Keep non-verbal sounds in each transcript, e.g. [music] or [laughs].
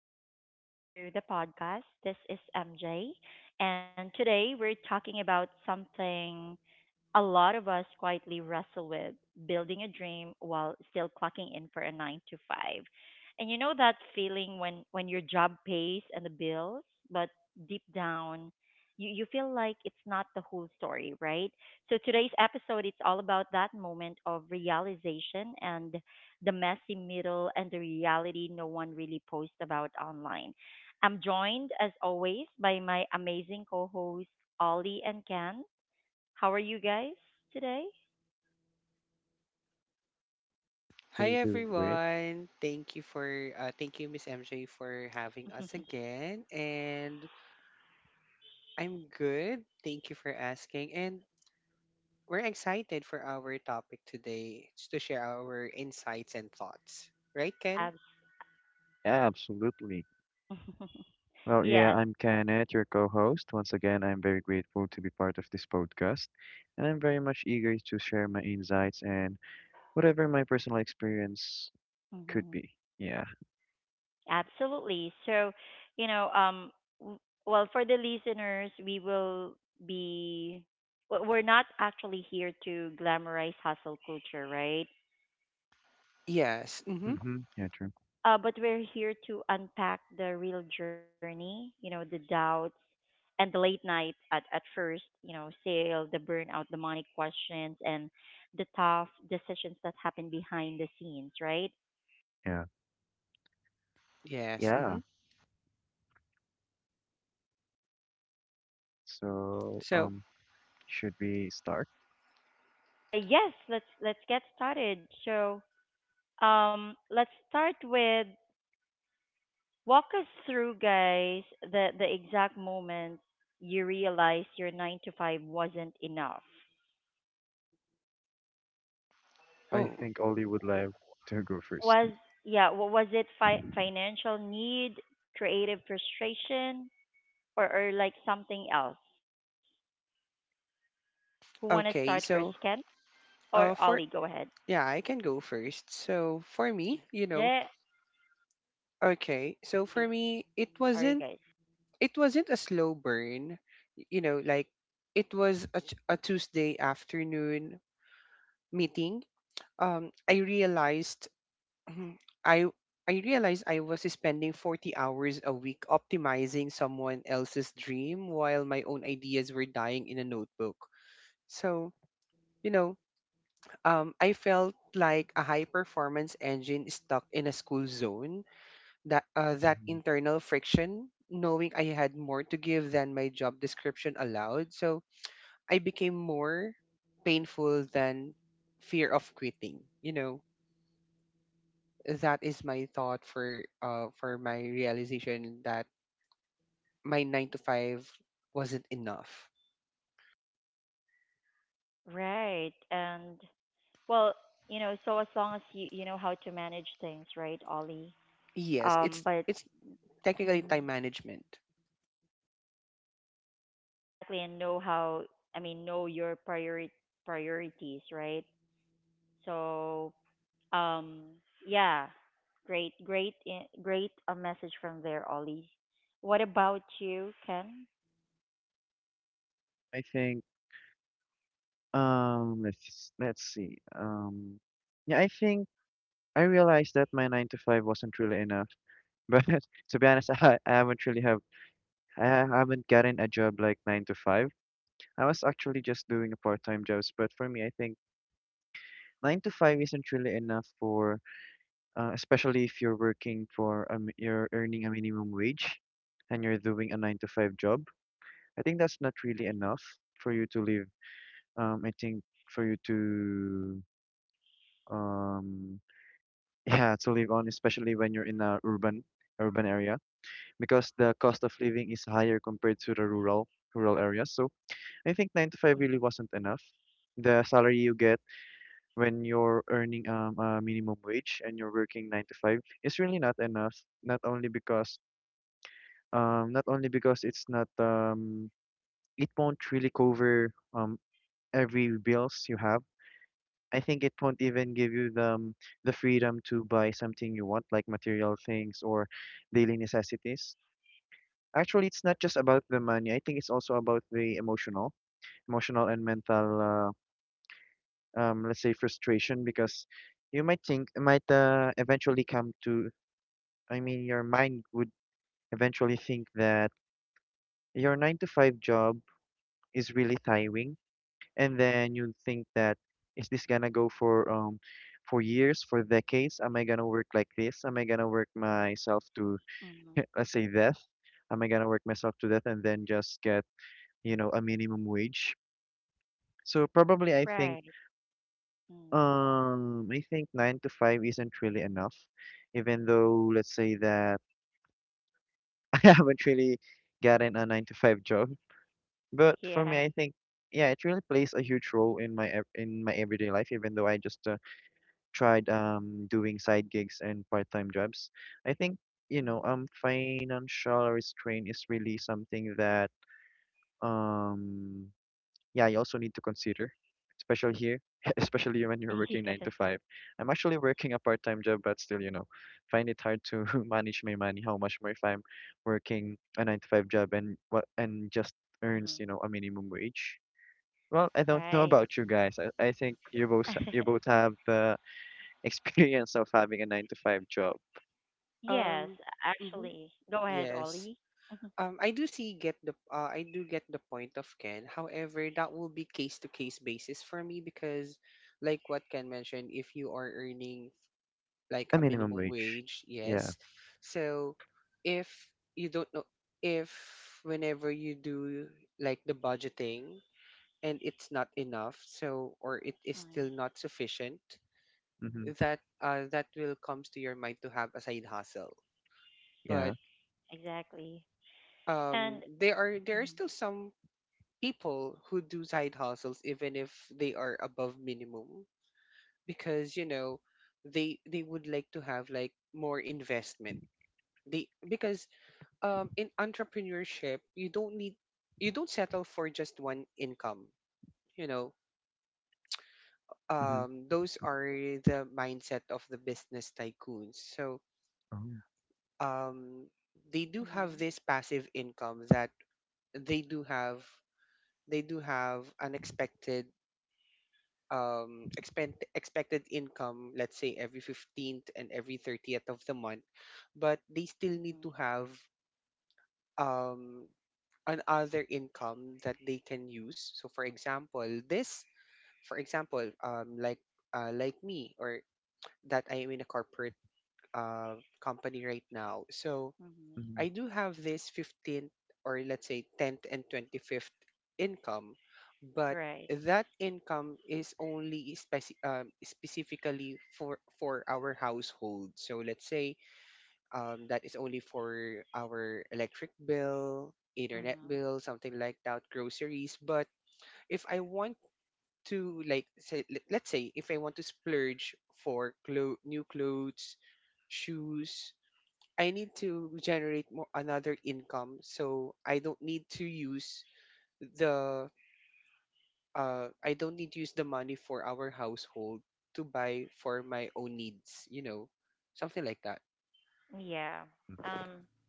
Welcome back to the podcast. This is MJ, and today we're talking about something a lot of us quietly wrestle with building a dream while still clocking in for a 9 to 5. And you know that feeling when your job pays and the bills, but deep down you feel like it's not the whole story, right? So today's episode it's all about that moment of realization and the messy middle and the reality no one really posts about online. I'm joined as always by my amazing co-hosts Ollie and Ken. How are you guys today? I'm Hi doing great. everyone. Thank you Miss MJ for having us [laughs] again, and I'm good. Thank you for asking, and we're excited for our topic today, just to share our insights and thoughts. Right, Ken? Abs- Yeah, absolutely. [laughs] Well, yeah, yes. I'm Kenneth, your co-host. Once again, I'm very grateful to be part of this podcast, and I'm very much eager to share my insights and whatever my personal experience could hmm be. Yeah. Absolutely. So, you know, w- for the listeners, we will be, w- we're not actually here to glamorize hustle culture, right? Yes. Mhm. Mm-hmm. Yeah, true. But we're here to unpack the real journey, you know, the doubts and the late night at first, you know, sale, the burnout, the money questions, and the tough decisions that happen behind the scenes, right? Yeah. Yes. Yeah. Mhm. So, So, um, should we start? Yes, let's get started. So, let's start with walk us through, guys, the exact moment you realized your nine to five wasn't enough. I oh, think Ollie would like to go 1st. Was was it financial need, creative frustration, or like something else? Who want to start first, okay. Ken So, or Ollie? Go for ahead. yeah, I can go first. So, for me, you Yeah, know, okay. sorry, So, for me, it sorry, guys. wasn't a slow burn, you know, like it was a tuesday afternoon meeting. I realized [clears throat] i I realized I was spending 40 hours a week optimizing someone else's dream while my own ideas were dying in a notebook. So you know um I felt like a high performance engine stuck in a school zone. That hmm internal friction, knowing I had more to give than my job description allowed, so I became more painful than fear of quitting. You know, that is my thought for my realization that my 9 to 5 wasn't enough. Right, and well, you know, so as long as you know how to manage things, right, Ollie? Yes, it's But it's technically time mm, management. exactly, and know how. I mean, know your priorities, right? So, um, yeah, great. A message from there, Ollie. What about you, Ken? I think, let's see. Yeah, I think I realized that my nine to five wasn't really enough. [laughs] But to be honest, [laughs] I haven't gotten a job like nine to five. I was actually just doing a part-time jobs, but for me, I think nine to five isn't really enough for, especially if you're working for you're earning a minimum wage, and you're doing a nine to five job. I think that's not really enough for you to live. I think for you to um [laughs] yeah to live on, especially when you're in a urban area. Because the cost of living is higher compared to the rural areas. So I think nine to five really Mm, wasn't enough. The salary you get when you're earning a minimum wage and you're working nine to five is really not enough. Not only because not only because it's not it won't really cover every bills you have. I think it won't even give you the freedom to buy something you want, like material things or daily necessities. Actually, it's not just about the money. I think it's also about the emotional and mental, let's say frustration, because you might think, might eventually come to, I mean, your mind would eventually think that your nine to five job is really tiring, and then you think that is this gonna go for years, for decades? Am I gonna work like this? Am I gonna work myself to, mm, [laughs] let's say, death? Am I gonna work myself to death and then just get, you know, a minimum wage? So probably right. Mm, I think nine to five isn't really enough, even though let's say that [laughs] I haven't really gotten a nine to five job. But for me, yeah. I think yeah, it really plays a huge role in my everyday life. Even though I just tried doing side gigs and part time jobs, I think you know Mm, financial restraint is really something that um yeah, you also need to consider, especially here, [laughs] especially when you're [laughs] working nine yes. to five. I'm actually working a part-time job, but still, you know, find it hard to [laughs] manage my money. How much more if I'm working a nine to five job and what and just earns, Mm, you know, a minimum wage. Well, I don't know right. about you guys. I think you both you [laughs] both have the [laughs] experience of having a nine to five job, Yes, Um. Mhm, actually. Go ahead, Yes. Ollie. [laughs] I do get the point of Ken. However, that will be case to case basis for me because, like what Ken mentioned, if you are earning like a a minimum minimum wage. wage, Yeah. yes. So, if you don't know, if whenever you do like the budgeting and it's not enough, so, or it is Mm, still not sufficient, Mm-hmm. that will comes to your mind to have a side hustle. But Yeah. exactly. And there are mhm, still some people who do side hustles even if they are above minimum, because you know they would like to have like more investment. They because in entrepreneurship, you don't need you don't settle for just one income, you know. Mm-hmm. Those are the mindset of the business tycoons. So Oh. um they do have mhm, this passive income, that they do have they do have unexpected expect expected income, let's say every 15th and every 30th of the month. But they still need to mhm, have um another income that they can use. So for example, this for example like me, or that I am in a corporate company right now. So mhm. I do Mm-hmm. have this 15th, or let's say 10th and 25th income. But Right. that income is only specifically for our household. So let's say, that is only for our electric bill, internet Mhm. bill, something like that, groceries. But if I want to like say, let's say if I want to splurge for new clothes, shoes, I need to generate more another income, so I don't need to use the the money for our household to buy for my own needs, you know, something like that. Yeah. Mm-hmm. Um,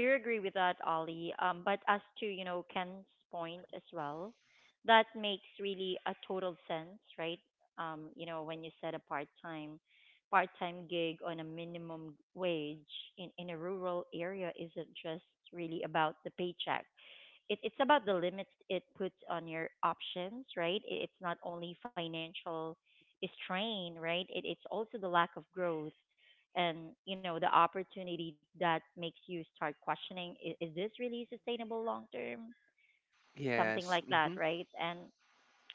I do agree with that, Ollie. But as to, you know, Ken's point as well, that makes really a total sense, right? You know, when you said a part-time gig on a minimum wage in a rural area isn't just really about the paycheck. It's about the limits it puts on your options, right? It's not only financial strain, right? It's also the lack of growth and you know the opportunity that makes you start questioning is this really sustainable long term, something Yes. like that, Mm-hmm. right? And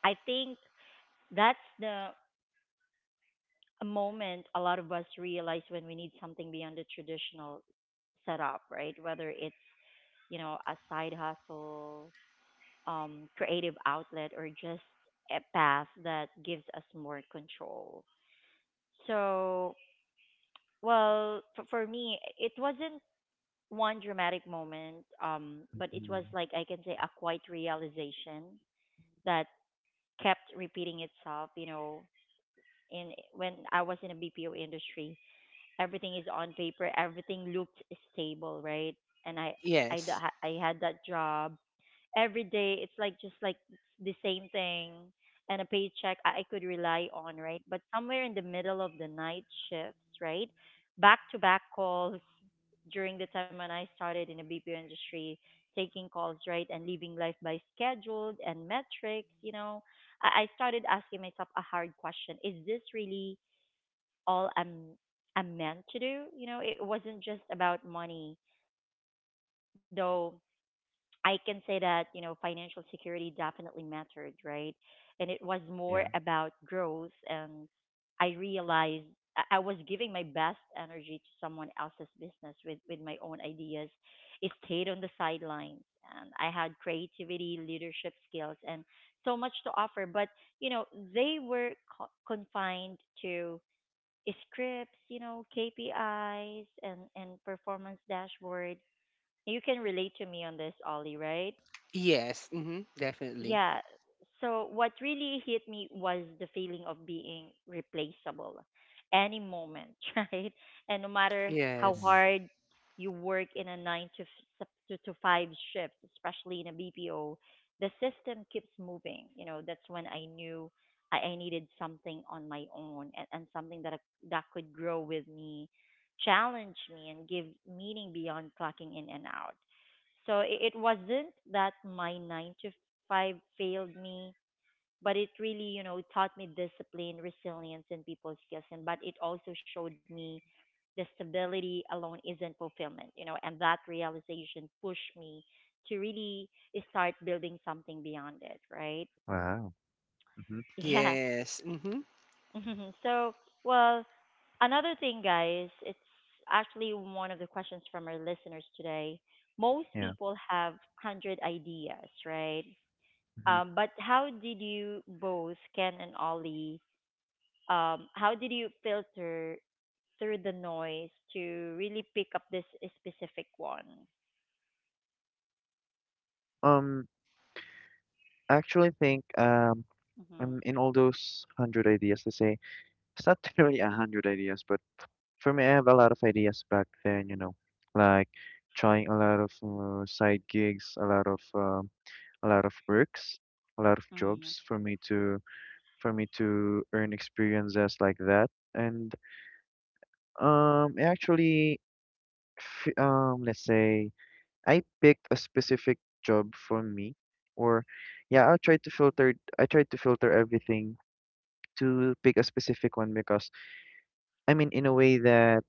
I think that's the moment a lot of us realize when we need something beyond the traditional setup, right? Whether it's, you know, a side hustle, creative outlet or just a path that gives us more control. So, well, for me, it wasn't one dramatic moment, but it Mm-hmm. was like I can say a quiet realization that kept repeating itself. You know, in when I was in a BPO industry, everything is on paper, everything looked stable, right? And I I d- Yes. ha- I had that job. Every day it's like just like the same thing and a paycheck I could rely on, right? But somewhere in the middle of the night shifts, right? Back to back calls during the time when I started in the BPO industry, taking calls, right? And living life by scheduled and metrics, you know. I started asking myself a hard question. Is this really all I'm meant to do. You know, it wasn't just about money, though. I can say that you know financial security definitely mattered, right? And it was more about Yeah. growth, and I realized I was giving my best energy to someone else's business with my own ideas. It stayed on the sidelines, and I had creativity, leadership skills, and so much to offer. But you know, they were confined to scripts, you know, KPIs and performance dashboard. You can relate to me on this, Ollie, right? Yes. Mm-hmm. Definitely. Yeah. So what really hit me was the feeling of being replaceable any moment, [laughs] right? And no matter how Mm-hmm. Yes. hard you work in a 9 to f- sup- to to 5 shift, especially in a BPO, the system keeps moving. You know, that's when I knew I needed something on my own and something that could grow with me, challenge me and give meaning beyond clocking in and out. So it wasn't that my 9 to five failed me, but it really, you know, taught me discipline, resilience, and people skills. And but it also showed me the stability alone isn't fulfillment, you know, and that realization pushed me to really start building something beyond it, right? Wow. Mm-hmm. Yeah. Yes. Mm-hmm. [laughs] So, well, another thing, guys, it's actually one of the questions from our listeners today. Most Yeah. people have 100 ideas, right? Mm-hmm. But how did you both, Ken and Ollie, how did you filter through the noise to really pick up this specific one? Um, actually think I'm Mm-hmm. in all those hundred ideas to say it's not [laughs] really a hundred ideas, but for me I have a lot of ideas back then, you know, like trying a lot of side gigs, a lot of works, a lot of jobs Mm-hmm. for me to earn experiences like that. And I actually let's say I picked a specific job for me, or yeah, I tried to filter everything to pick a specific one because I mean in a way that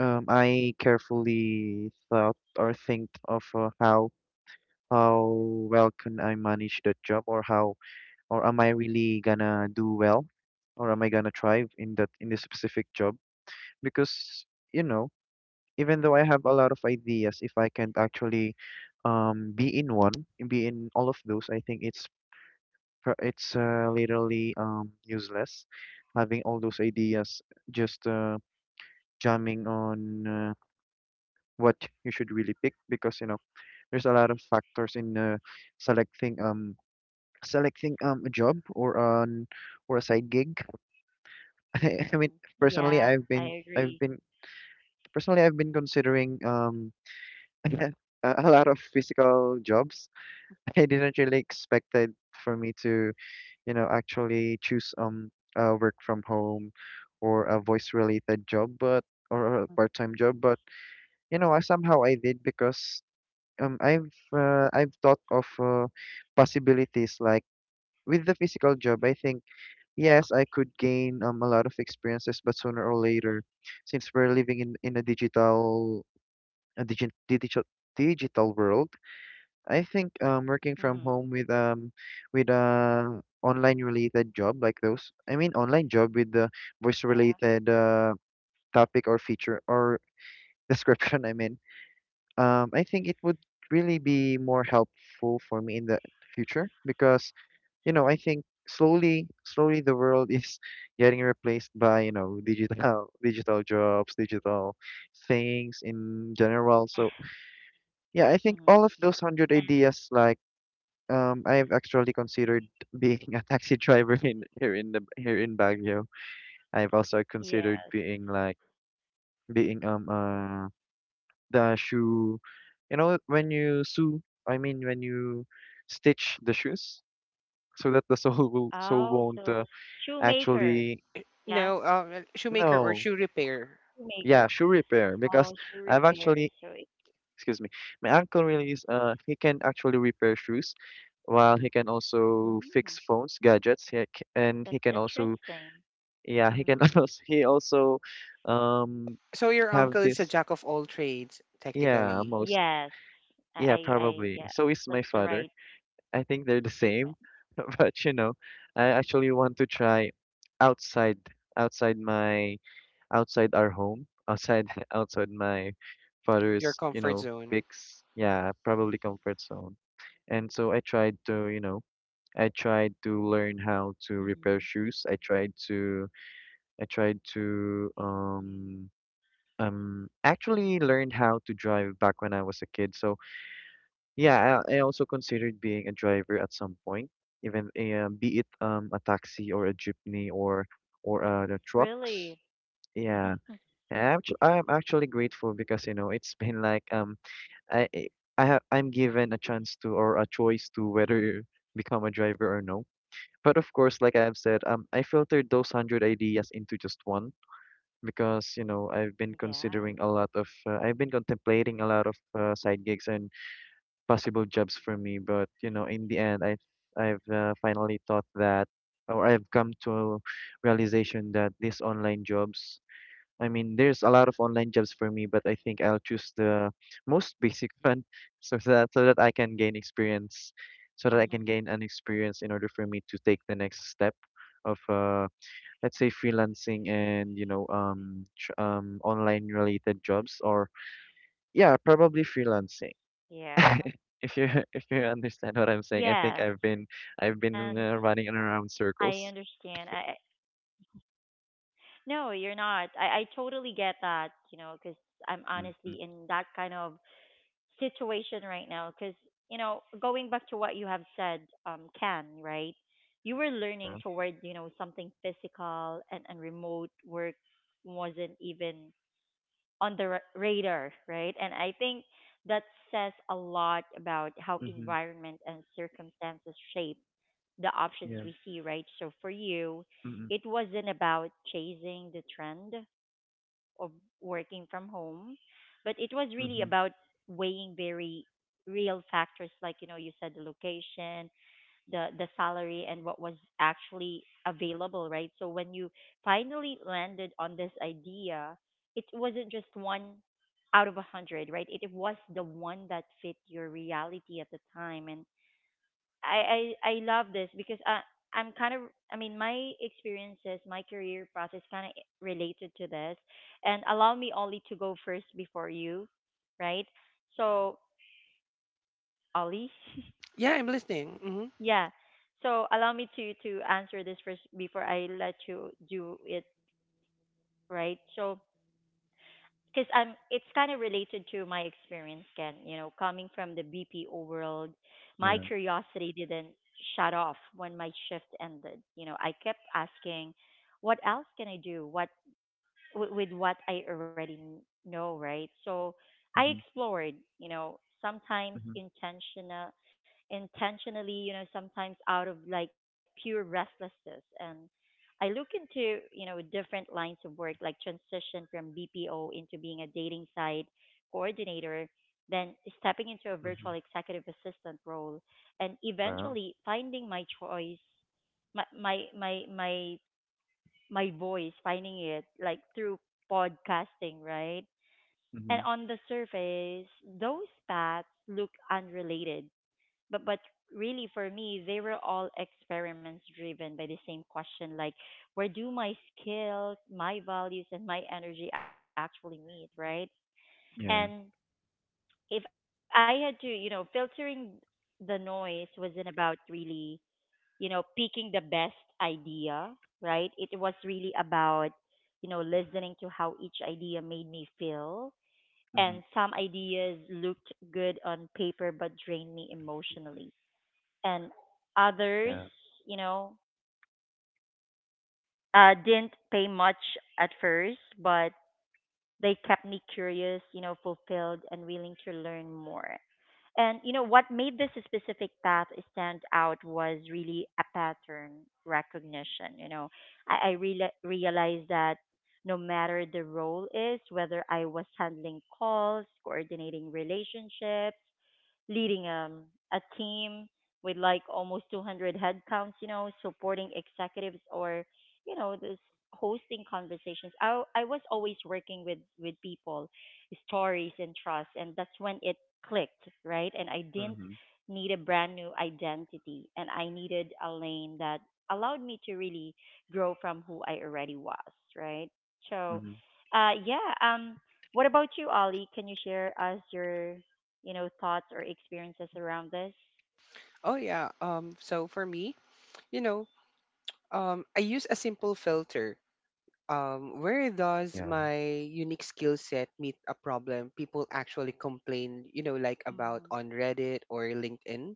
I carefully thought or think of how well can I manage that job or how or am I really gonna do well or am I gonna thrive in that in this specific job because you know even though I have a lot of ideas if I can't actually um, be in one be in all of those I think it's it's literally useless having all those ideas just jamming on what you should really pick because you know there's a lot of factors in selecting selecting a job or an or a side gig. [laughs] I, mean Mm-hmm. personally Yeah, I I've been agree. personally I've been considering [laughs] a a lot of physical jobs. [laughs] I didn't really expected for me to you know actually choose a work from home or a voice related job but or a part-time job but you know I somehow I did because um I've I've thought of possibilities like with the physical job. I think yes, I could gain a lot of experiences, but sooner or later, since we're living in a digital a digi digital digital world, I think working from Mm-hmm. home with a online related job like those. I mean online job with the voice related topic or feature or [laughs] description. I mean I think it would really be more helpful for me in the future because, you know, I think slowly, slowly the world is [laughs] getting replaced by, you know, digital, [laughs] digital jobs, digital things in general. So yeah, I think all of Yeah. those Mm-hmm. hundred ideas, And like, I've actually considered [laughs] being a taxi driver in here in the here in Baguio. I've also considered being like yes. being a the shoe you know when you sew I mean when you stitch the shoes so that the [laughs] sole won't Oh, so actually shoemaker. No. Yeah, Shoemaker or no shoe repair. yeah shoe repair shoemaker. because I've Oh, actually shoe repair. So excuse it, me my uncle really is he can actually repair shoes while he can also fix phones gadgets mm, and he can also that's yeah he interesting. can [laughs] also he also Mm. um So your have uncle is a this jack of all trades, yeah technically. most yeah Yes, probably so is my father. Yeah, I that's the think they're the right same, [laughs] but you know, statement. I actually want to try outside outside my outside our home, outside [laughs] outside my Your father's, you comfort know, zone. fix, yeah, probably comfort zone. And so I tried to, you know, I tried to learn how to repair shoes. Hmm. I tried to actually learned how to drive back when I was a kid. So yeah, I also considered being a driver at some point, even be it a taxi or a jeepney or the trucks. Yeah, Really? I'm [laughs] actually grateful because you know it's [laughs] been like I I I'm given a chance to or a choice to whether become a driver or no. But of course, like I've said, I filtered those hundred ideas into just one because you know I've been considering a lot of yes. I've been contemplating a lot of side gigs and possible jobs for me. But you know, in the end, I I've finally thought that, or I've come to a realization that these online jobs. I mean, there's a lot of online jobs for me, but I think I'll choose the most basic one, [laughs] so that so that I can gain experience, so that I Mhm. can gain an experience in order for me to take the next step of let's say freelancing and you know online related jobs or yeah probably freelancing. [laughs] Yeah. If you [laughs] if you understand what I'm saying, I think I've been Yes. I've been And uh, running in around I circles. understand. No, you're not. I totally get that. You know, because I'm Mm-hmm. honestly in that kind of situation right now. Because you know, going back to what you have said, Ken, right? You were Yeah. learning toward you know something physical and remote work wasn't even on the radar, right? And I think that says a lot about how Mm-hmm. environment and circumstances shape the options Yeah. we see, right? So for you, Mm-hmm. it wasn't about chasing the trend of working from home, but it was really about Mm-hmm. weighing very real factors like, you know, you said the location, the salary and what was actually available, right? So when you finally landed on this idea, it wasn't just one out of a hundred, right? It was the one that fit your reality at the time, and I love this because I'm kind of, I mean my experiences, my career process kind of related to this, and allow me Ollie to go first before you, right? So Ollie. [laughs] Yeah, I'm listening. Mm-hmm. Yeah. So allow me to answer this first before I let you do it, right? So because I'm it's kind of related to my experience, Ken. You know, coming from the BPO world, my Yeah. curiosity didn't shut off when my shift ended. You know, I kept asking, what else can I do? What with, what I already know, right? So I Mm-hmm. explored, you know, Mm-hmm. Intentionally, you know, sometimes out of like pure restlessness. And I look into, you know, different lines of work, like transition from BPO into being a dating site coordinator, then stepping into a Mm-hmm. virtual executive assistant role, and Wow. eventually finding my choice my my my my my voice, finding it like through podcasting, right? Mm-hmm. And on the surface, those paths look unrelated, but really for me, they were all experiments driven by the same question, like where do my skills, my values, and my energy actually meet, right? And Yeah. if I had to, you know, filtering the noise wasn't about really you know, picking the best idea, right? It was really about, you know, listening to how each idea made me feel. Mm-hmm. And some ideas looked good on paper but drained me emotionally. And others, Yeah. you know, didn't pay much at first, but they kept me curious, you know, fulfilled and willing to learn more. And you know what made this specific path stand out was really a pattern recognition. You know, I reala realized that no matter the role is, whether I was handling calls, coordinating relationships, leading a team with like almost 200 headcounts, you know, supporting executives or, you know, this hosting conversations. I was always working with, people, stories and trust. And that's when it clicked, right? And I didn't Mm-hmm. need a brand new identity and I needed a lane that allowed me to really grow from who I already was, right? So, Mm-hmm. Yeah. What about you, Ollie? Can you share us your you know, thoughts or experiences around this. Oh yeah. So for me, you know, I use a simple filter. Where does Yeah. my unique skill set meet a problem people actually complain, you know, like about Mm-hmm. on Reddit or LinkedIn?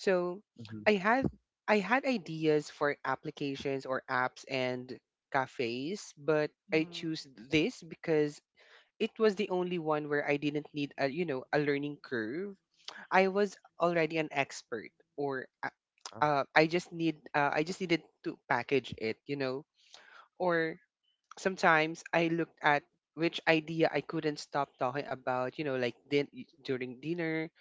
So Mm-hmm. I had I had ideas for applications or apps and cafes, but I choose Mm. this because it was the only one where I didn't need a you know a learning curve. I was already an expert, or uh, Oh, uh, I just need uh, I just needed to package it, you know. Or sometimes I looked at which idea I couldn't stop talking about, you know, like during dinner.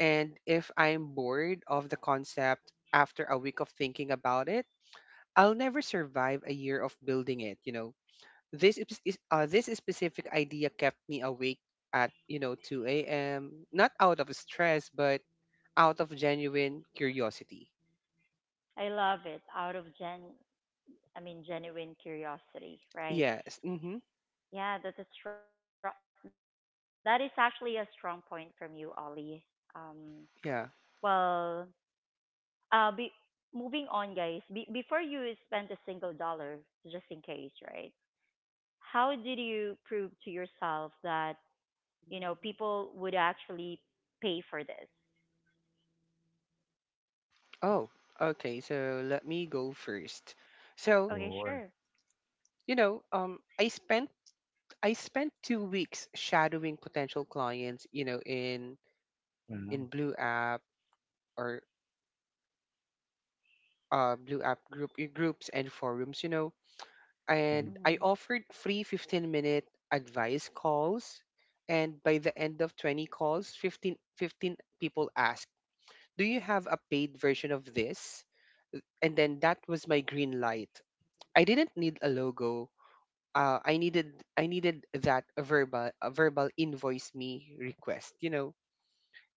And if I'm bored of the concept after a week of thinking about it, I'll never survive a year of building it, you know. This specific idea kept me awake at, you know, 2 a.m., not out of stress but out of genuine curiosity. I love it. I mean, genuine curiosity, Yes. right? Mm-hmm. Yeah, that's a strong. That is actually a strong point from you, Ollie. Um, Yeah. well, be moving on, guys. Before you spend a single dollar, just in case, right? How did you prove to yourself that you know people would actually pay for this? Oh, okay. So let me go first. So, sure. Okay, sure. you know, I spent 2 weeks shadowing potential clients, you know, in Wow. in Blue App, or Blue App group, groups and forums, you know, and Mm-hmm. I Hmm. offered free 15-minute advice calls. And by the end of 20 calls, fifteen people asked, do you have a paid version of this? And then that was my green light. I didn't need a logo. I needed that a verbal invoice me request. You know,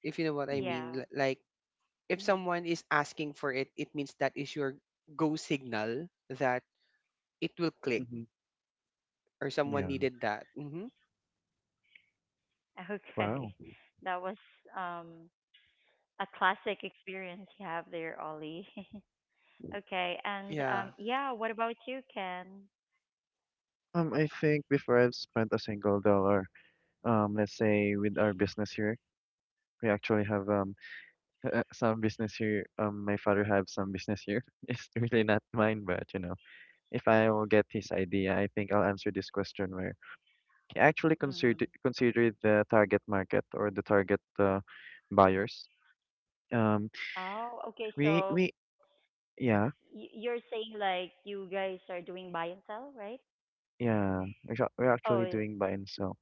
if you know what I Yeah. Mm-hmm. mean. Like if Mm-hmm. someone is asking for it, it means that is your go signal that it will click, Mm-hmm. or someone Yeah. needed that. Hmm. Okay. Wow. [laughs] That was um a classic experience you have there, Ollie. [laughs] Okay, and Yeah. Yeah, what about you, Ken? I think before I've spent a single dollar, let's say with our business here, we actually have some business here. My father have some business here. [laughs] It's really not mine, but you know, if I will get his idea, I think I'll answer this question where he actually considered Mm-hmm. considered the target market or the target buyers. Um, Oh, okay, we so yeah you're saying like you guys are doing buy and sell, right? yeah we're we're actually Oh, doing buy yeah. and sell.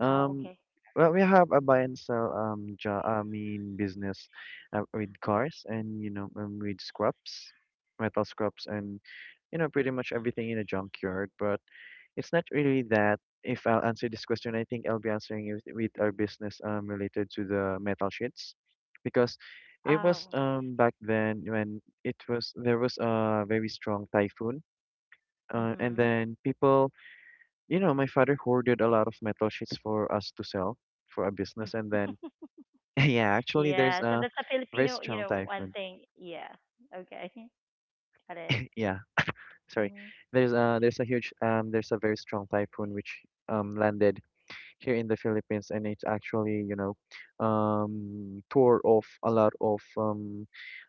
Um, Oh, okay. well, we have a buy and sell job, I mean business with cars and you know with scrubs, metal scrubs and you know pretty much everything in a junkyard. But it's not really that. If I'll answer this question, I think I'll be answering it with our business related to the metal sheets, because it was Oh, back then when it was there was a very strong typhoon. And then mhm. people you know, my father hoarded a lot of metal sheets for us to sell for our business, and then [laughs] [laughs] yeah, actually, there's a Yeah, so that's very a strong Filipino, you typhoon. know, one thing. Yeah. Okay. [laughs] [laughs] Got Yeah, it. sorry, there's Mm-hmm. a huge there's a very strong typhoon which landed here in the Philippines, and it's actually tore off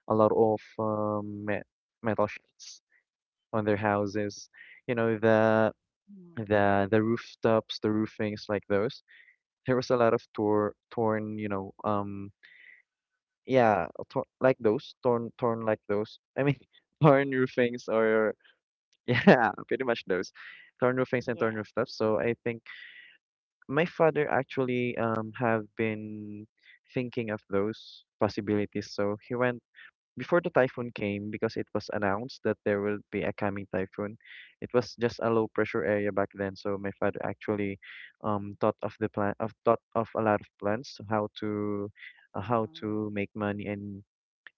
a lot of metal sheets on their houses. You know the rooftops, the roofings like those. There was a lot of torn, yeah, torn like those. I mean, [laughs] torn roofings or, [laughs] yeah, pretty much those, torn roofings and torn rooftops. Yeah. So I think my father actually have been thinking of those possibilities. So he went before the typhoon came, because it was announced that there will be a coming typhoon, it was just a low pressure area back then. So my father actually thought of the plan of thought of a lot of plans to how to how to make Mm-hmm. money, and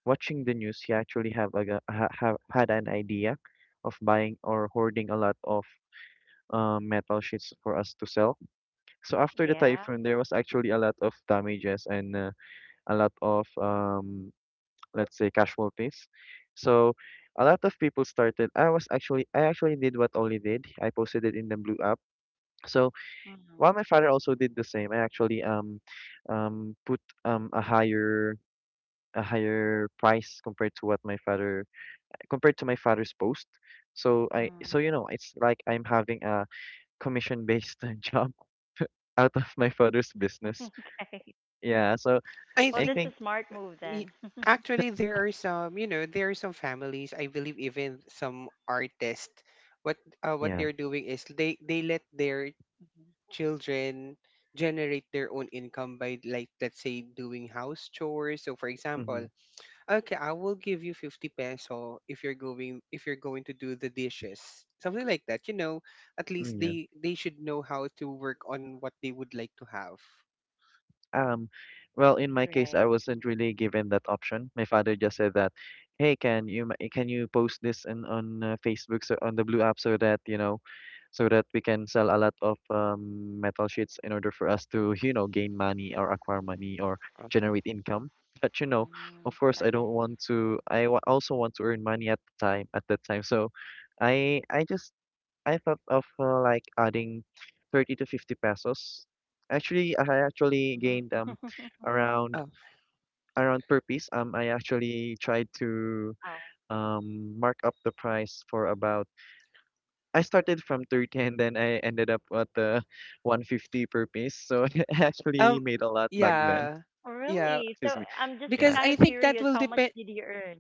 watching the news, he actually have a g- ha, ha, had an idea of buying or hoarding a lot of metal sheets for us to sell. So after the typhoon, there was Yeah. actually a lot of damages and a lot of let's say casualties. So a lot of people started. I actually did what Oli did. I posted it in the Blue app. So while my father Mm-hmm. also did the same, I actually put a higher price compared to what my father, compared to my father's post. So, you know, Mm. it's like I'm having a commission based [laughs] job out of my father's [laughs] business. Okay. Yeah. So I Well, I that's a think think smart move then. Y- [laughs] Actually, there are some, you know, there are some families. I believe even some artists. What what yeah. they're doing is they let their children generate their own income by, like, let's say, doing house chores. So for Mm-hmm. example, okay, I will give you 50 peso if you're going to do the dishes, something like that. You know, at least Mm, yeah. they should know how to work on what they would like to have. Um, well, in you my case, Right. I wasn't really given that option. My father just said that, "Hey, can you can you post this in, on Facebook, on the Blue app so that, you know, so that we can sell a lot of metal sheets in order for us to, you know, gain money or acquire money or Uh, generate income." But you know, of course, Mm, I don't okay. want to. Also want to earn money at the time at that time, so I just I thought of like adding 30 to 50 pesos. Actually, I actually gained Mm. [laughs] Around Oh, per piece. I actually tried to Oh, mark up the price for about. I started from 30 and then I ended up at the [laughs] 150 per piece. So [laughs] I actually um, made a lot back eh, then. yeah, oh, yeah, really? So Excuse me. I'm just Yeah. because kind I of think that curious, will how much depend did you earn?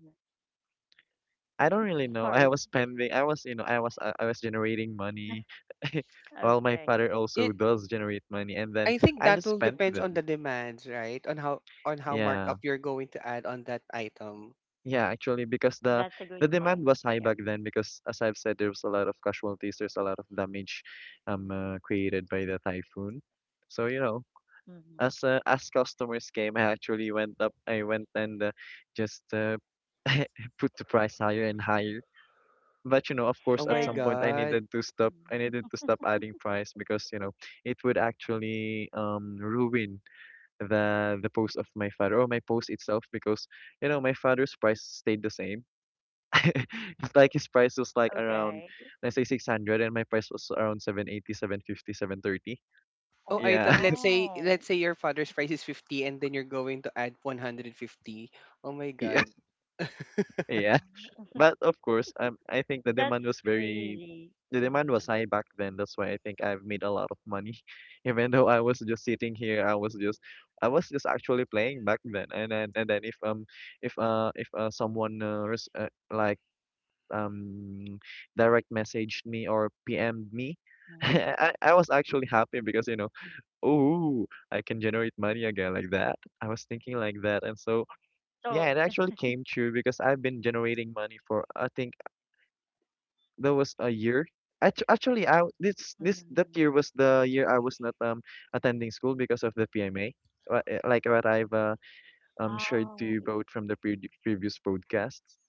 I don't really know. I was Sorry. spending. I was, you know, I was generating money. [laughs] [laughs] Well, my father Okay. it also does generate money, and then I think I that just will spent depends on the them. demands, right? On how Yeah. markup you're going to add on that item. Yeah, actually, because That's a good the point. demand was Yep. high back then because as I've said, there was a lot of casualties, there's a lot of damage created by the typhoon. So, you know, Hmm. As customers came, I went and just [laughs] put the price higher and higher. But you know, of Oh course, at my some point And I god. needed to stop. I mm, needed to stop adding price because, you know, it would actually ruin the post of my father or my post itself, because you know, my father's price stayed the same. [laughs] It's like his price was like okay. around, let's say, 600, and my price was around seven eighty seven fifty seven thirty. Oh Oh, I Yeah. thought, [laughs] no. let's say your father's price is 50 and then you're going to add 150. Oh my Yeah. god. Um, Yeah. [laughs] But of course, I That's think crazy. Mm, the demand was high back then. That's why I think I've made a lot of money. [laughs] Even though I was just sitting here, I was just actually playing back then. And then, and then if someone um direct messaged me or PM'd me, [laughs] mm. I was actually happy because, you know, oh, I can generate money again, like that. I was thinking like that, and so So, yeah, it actually came true because I've been generating money for, I think, there was a year. Actually, I [laughs] this this mm. that year was the year I was not attending school because of the PMA, like what I've shared Oh, to you both from the previous podcasts.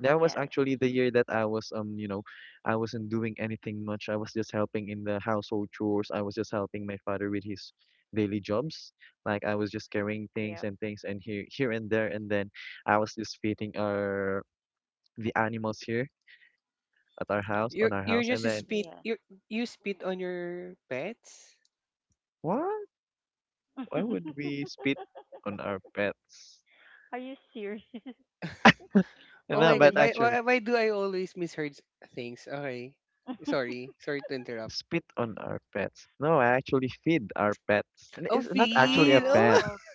That was actually the year that I was, you know, I wasn't doing anything much. I was just helping in the household chores. I was just helping my father with his daily jobs. Like I was just carrying Yep. things and things and here and there, and then I was just feeding our the animals here at our house You're on our you're house, and just then spit Yeah. You spit on your pets? what? Why would we [laughs] spit on our pets? Are you serious? [laughs] Oh No, my god. but Why Ollie. actually why why do I always misheard things? Okay. [laughs] Sorry. Sorry to interrupt. spit on our pets. No, I actually feed our pets. And Oh, it's not actually a feed. Oh. pet. [laughs] Oh,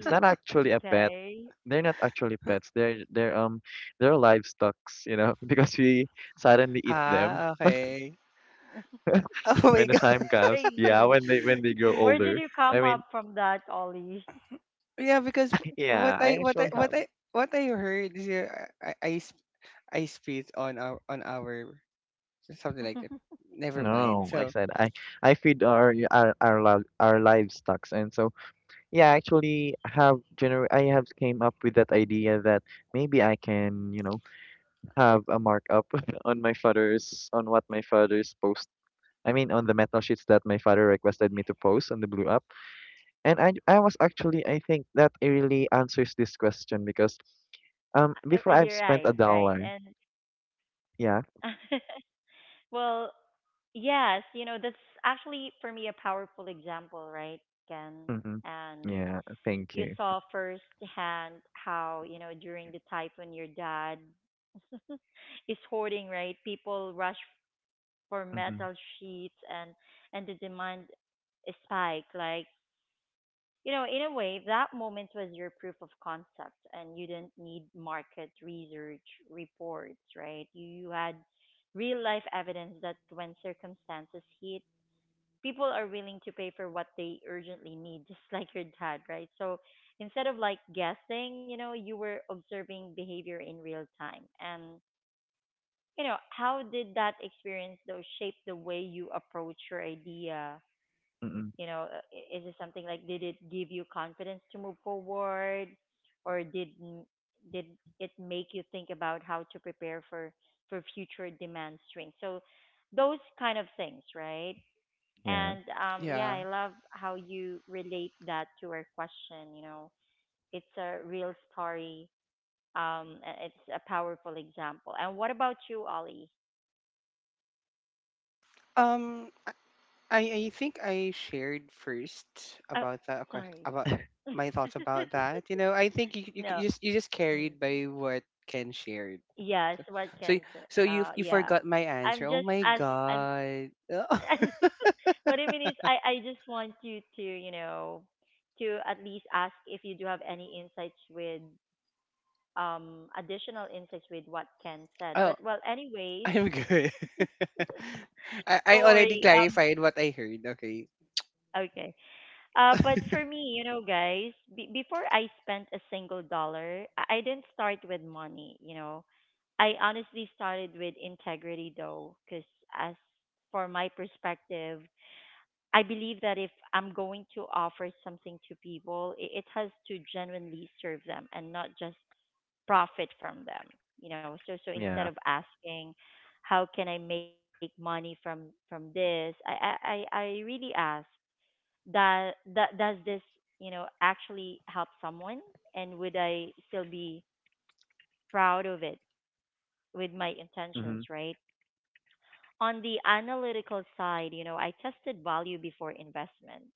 It's not actually a pet. Okay. They're not actually pets. They're livestocks, you know, [laughs] because we suddenly eat them Ah, okay. [laughs] [laughs] Oh my. when the time comes. Yeah, Crazy. when they grow Where did older. you I come mean, up from that, Ollie? Yeah, because what yeah, I I what I actually what have. I what I heard is, yeah, I spit on our something like [laughs] that. Never mind. No, I So said I feed our, live our livestocks, and so yeah, I have came up with that idea that maybe I can, you know, have a markup [laughs] on my father's on what my father's post. I mean, on the metal sheets that my father requested me to post on the Blue app. And I was actually, I think that it really answers this question because before You're I've spent right, a right. dollar. And Yeah. [laughs] well, yes, you know, that's actually for me a powerful example, right, Ken? Mm-hmm. Yeah. And Thank you. you saw firsthand how, you know, during the typhoon your dad [laughs] is hoarding, right, people rush for Mm-hmm. metal sheets, and the demand spike like, you know, in a way that moment was your proof of concept, and you didn't need market research reports, right? You had real life evidence that when circumstances hit, people are willing to pay for what they urgently need, just [laughs] like your dad, right? So instead of like guessing, you know, you were observing behavior in real time. And, you know, how did that experience, though, shape the way you approach your idea? Mm-hmm. You know, is it something like did it give you confidence to move forward, or did it make you think about how to prepare for future demand swings? So those kind of things, right? Yeah. And yeah, yeah. I love how you relate that to our question. You know, it's a real story. It's a powerful example. And what about you, Ollie? Um, I I think I shared first Oh, about sorry. about my thoughts about that. You know, I think you [laughs] you c- No. you just you just Mm. carried by what Ken shared. Yes, So what can so y- say? so you Yeah. forgot my I'm answer. Oh just my as I'm. god. [laughs] [laughs] What I mean is, I just want you to, you know, to at least ask if you do have any insights with additional insights with what Ken said. Oh. But well, anyways, I'm good. [laughs] I don't already worry. Clarified what I heard. Okay. Okay. But for me, you know, guys, before I spent a single dollar, I didn't start with money. You know, I honestly started with integrity though, because as for my perspective, I believe that if I'm going to offer something to people, it has to genuinely serve them and not just profit from them, you know. So so instead Yeah. of asking how can I make money from this, I really ask that does this, you know, actually help someone, and would I still be proud of it with my intentions, Mm-hmm. right? On the analytical side, you know, I tested value before investment.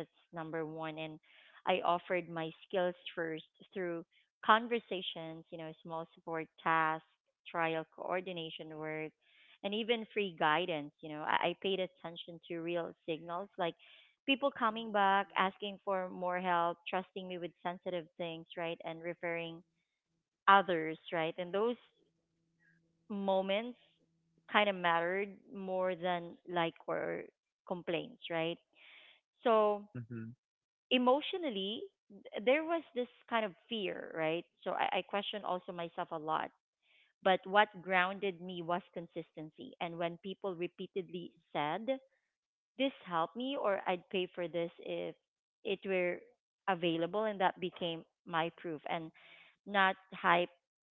That's number one. And I offered my skills first through conversations, you know, small support tasks, trial coordination work, and even free guidance. You know, I paid attention to real signals like people coming back, asking for more help, trusting me with sensitive things, right? And referring others, right? And those moments kind of mattered more than like or complaints, right? So Mm-hmm. emotionally, there was this kind of fear, right? So I question also myself a lot. But what grounded me was consistency. And when people repeatedly said, this helped me, or I'd pay for this if it were available, and that became my proof and not hype,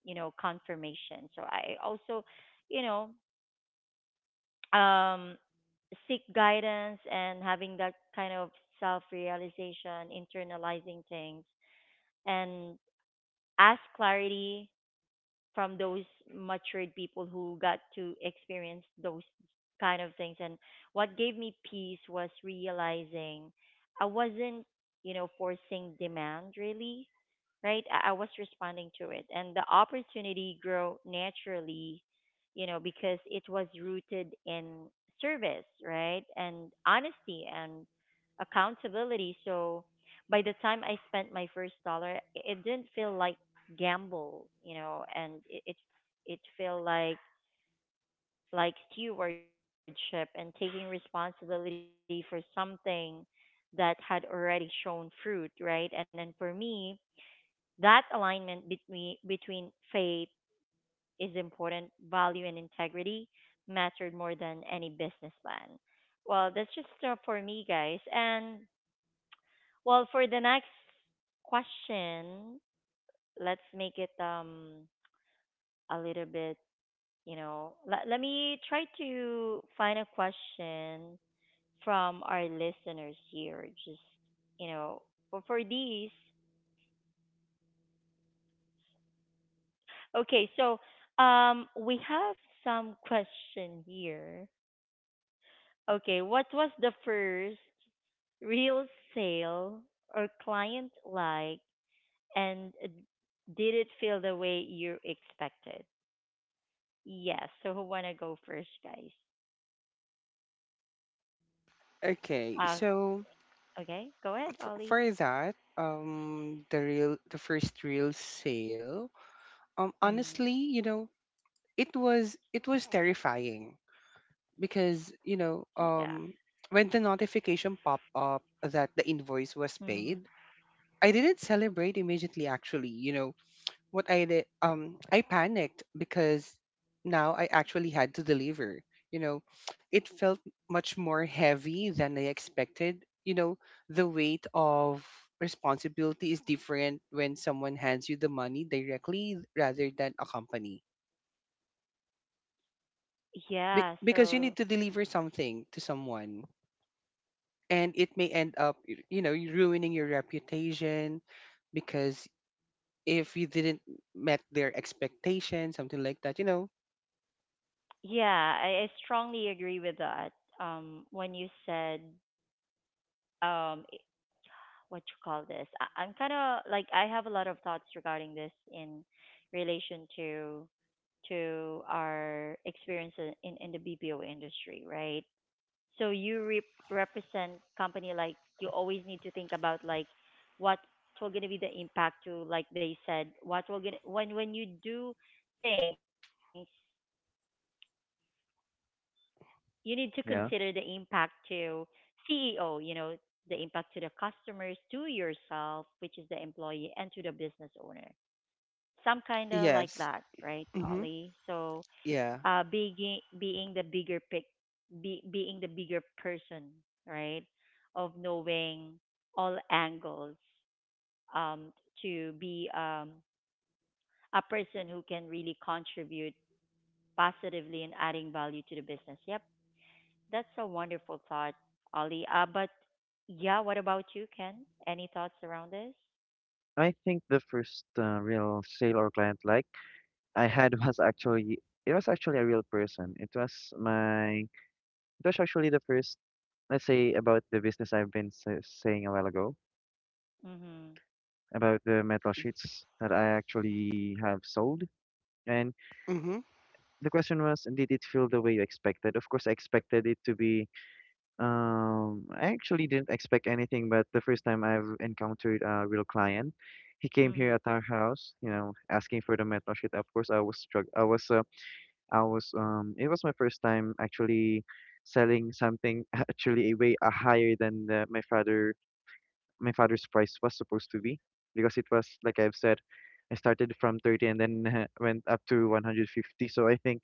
you know, confirmation. So I also, you know, um, seek guidance and having that kind of self realization, internalizing things, and ask clarity from those matured people who got to experience those kind of things. And what gave me peace was realizing I wasn't, you know, forcing demand really, right? I was responding to it, and the opportunity grew naturally, you know, because it was rooted in service, right, and honesty and accountability. So by the time I spent my first dollar, it didn't feel like gamble, you know, and it felt like stewardship and taking responsibility for something that had already shown fruit, right? And then for me, that alignment between between faith is important, value and integrity mattered more than any business plan. Well, that's just for me, guys. And well, for the next question, let's make it a little bit, you know, let me try to find a question from our listeners here. Just, you know, for these. Okay, so we have some question here. Okay, what was the first real sale or client like, and did it feel the way you expected? Yes. So who wanna go first, guys? Okay. Uh, So okay, go ahead, for Ollie. that, the real, the first real sale. Honestly, Mm, you know, it was terrifying because, you yeah. know, when the notification popped up that the invoice Mm, was paid, I didn't celebrate immediately. Actually, you know, what I did, I panicked because now I actually had to deliver. You know, it felt much more heavy than I expected. You know, the weight of responsibility is different when someone hands you the money directly rather than a company. Yeah. Because you So need to deliver something to someone, and it may end up, you know, you ruining your reputation, because if you didn't met their expectations, something like that, you know. yeah, I strongly agree with that. When you said um what you call this. I'm kind of like I have a lot of thoughts regarding this in relation to our experience in the BPO industry, right? So you represent company like you always need to think about like what will gonna be the impact to like they said what will gonna when you do things, you need to consider the impact Yeah. to CEO, you know, the impact to the customers, to yourself, which is the employee, and to the business owner. Some kind of like that, Yes. right, Mm-hmm. Ollie? So, Yeah. being being the bigger pic, being the bigger person, right, of knowing all angles, um, to be a person who can really contribute positively and adding value to the business. Yep, that's a wonderful thought, Ollie. But yeah, what about you, Ken? Any thoughts around this? I think the first real sale or client like I had [laughs] was actually, it was actually a real person. It was my, it was actually the first, let's say, about the business I've been saying a while ago Mhm. about the metal sheets that I actually have sold. And Mm-hmm. the question was, did it feel the way you expected? Of course, I expected it to be. I actually didn't expect anything, but the first time I've encountered a real client, he came here at Mhm. our house, you know, asking for the mentorship. Of course, I was struck. I was. I was. It was my first time actually selling something [laughs] actually a way higher than my father. My father's price was supposed to be, because it was like I've said. I started from 30 and then [laughs] went up to 150. So I think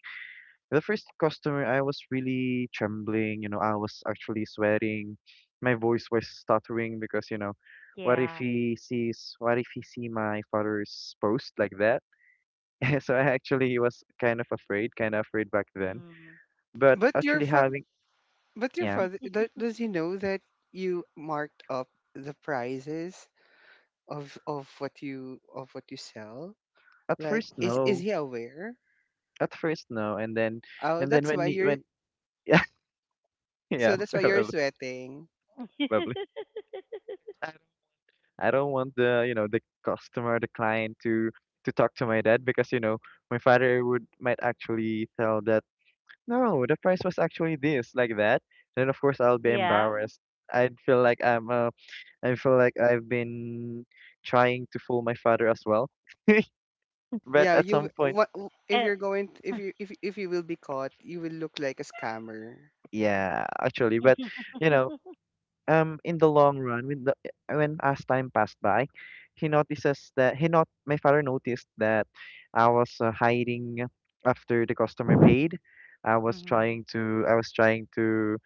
the first customer, I was really trembling, you know, I was actually sweating. My voice was stuttering because, you know, what if Yeah. he sees, what if he see my father's post like that? [laughs] So I actually was kind of afraid back then. Mhm. But But your actually fa- having, but your yeah, father, [laughs] does he know that you marked up the prices of what you sell? at Like, first is no, he aware? at first no, and then, Oh, and then when he, when, [laughs] yeah, [laughs] yeah, that's why you're probably, sweating. probably. [laughs] I don't want the, you know, the customer, the client to talk to my dad because, you know, my father would might actually tell that, no, the price was actually this, like that. Then of course I'll be Yeah. embarrassed. I'd feel like I'm uh, I feel like I've been trying to fool my father as well. [laughs] But Yeah, at you some w- point, what w- And if you're going, if you will be caught, you will look like a scammer. yeah, actually, but [laughs] you know, in the long run, when the when as time passed by, he notices that he not my father noticed that I was hiding after the customer paid. I was trying to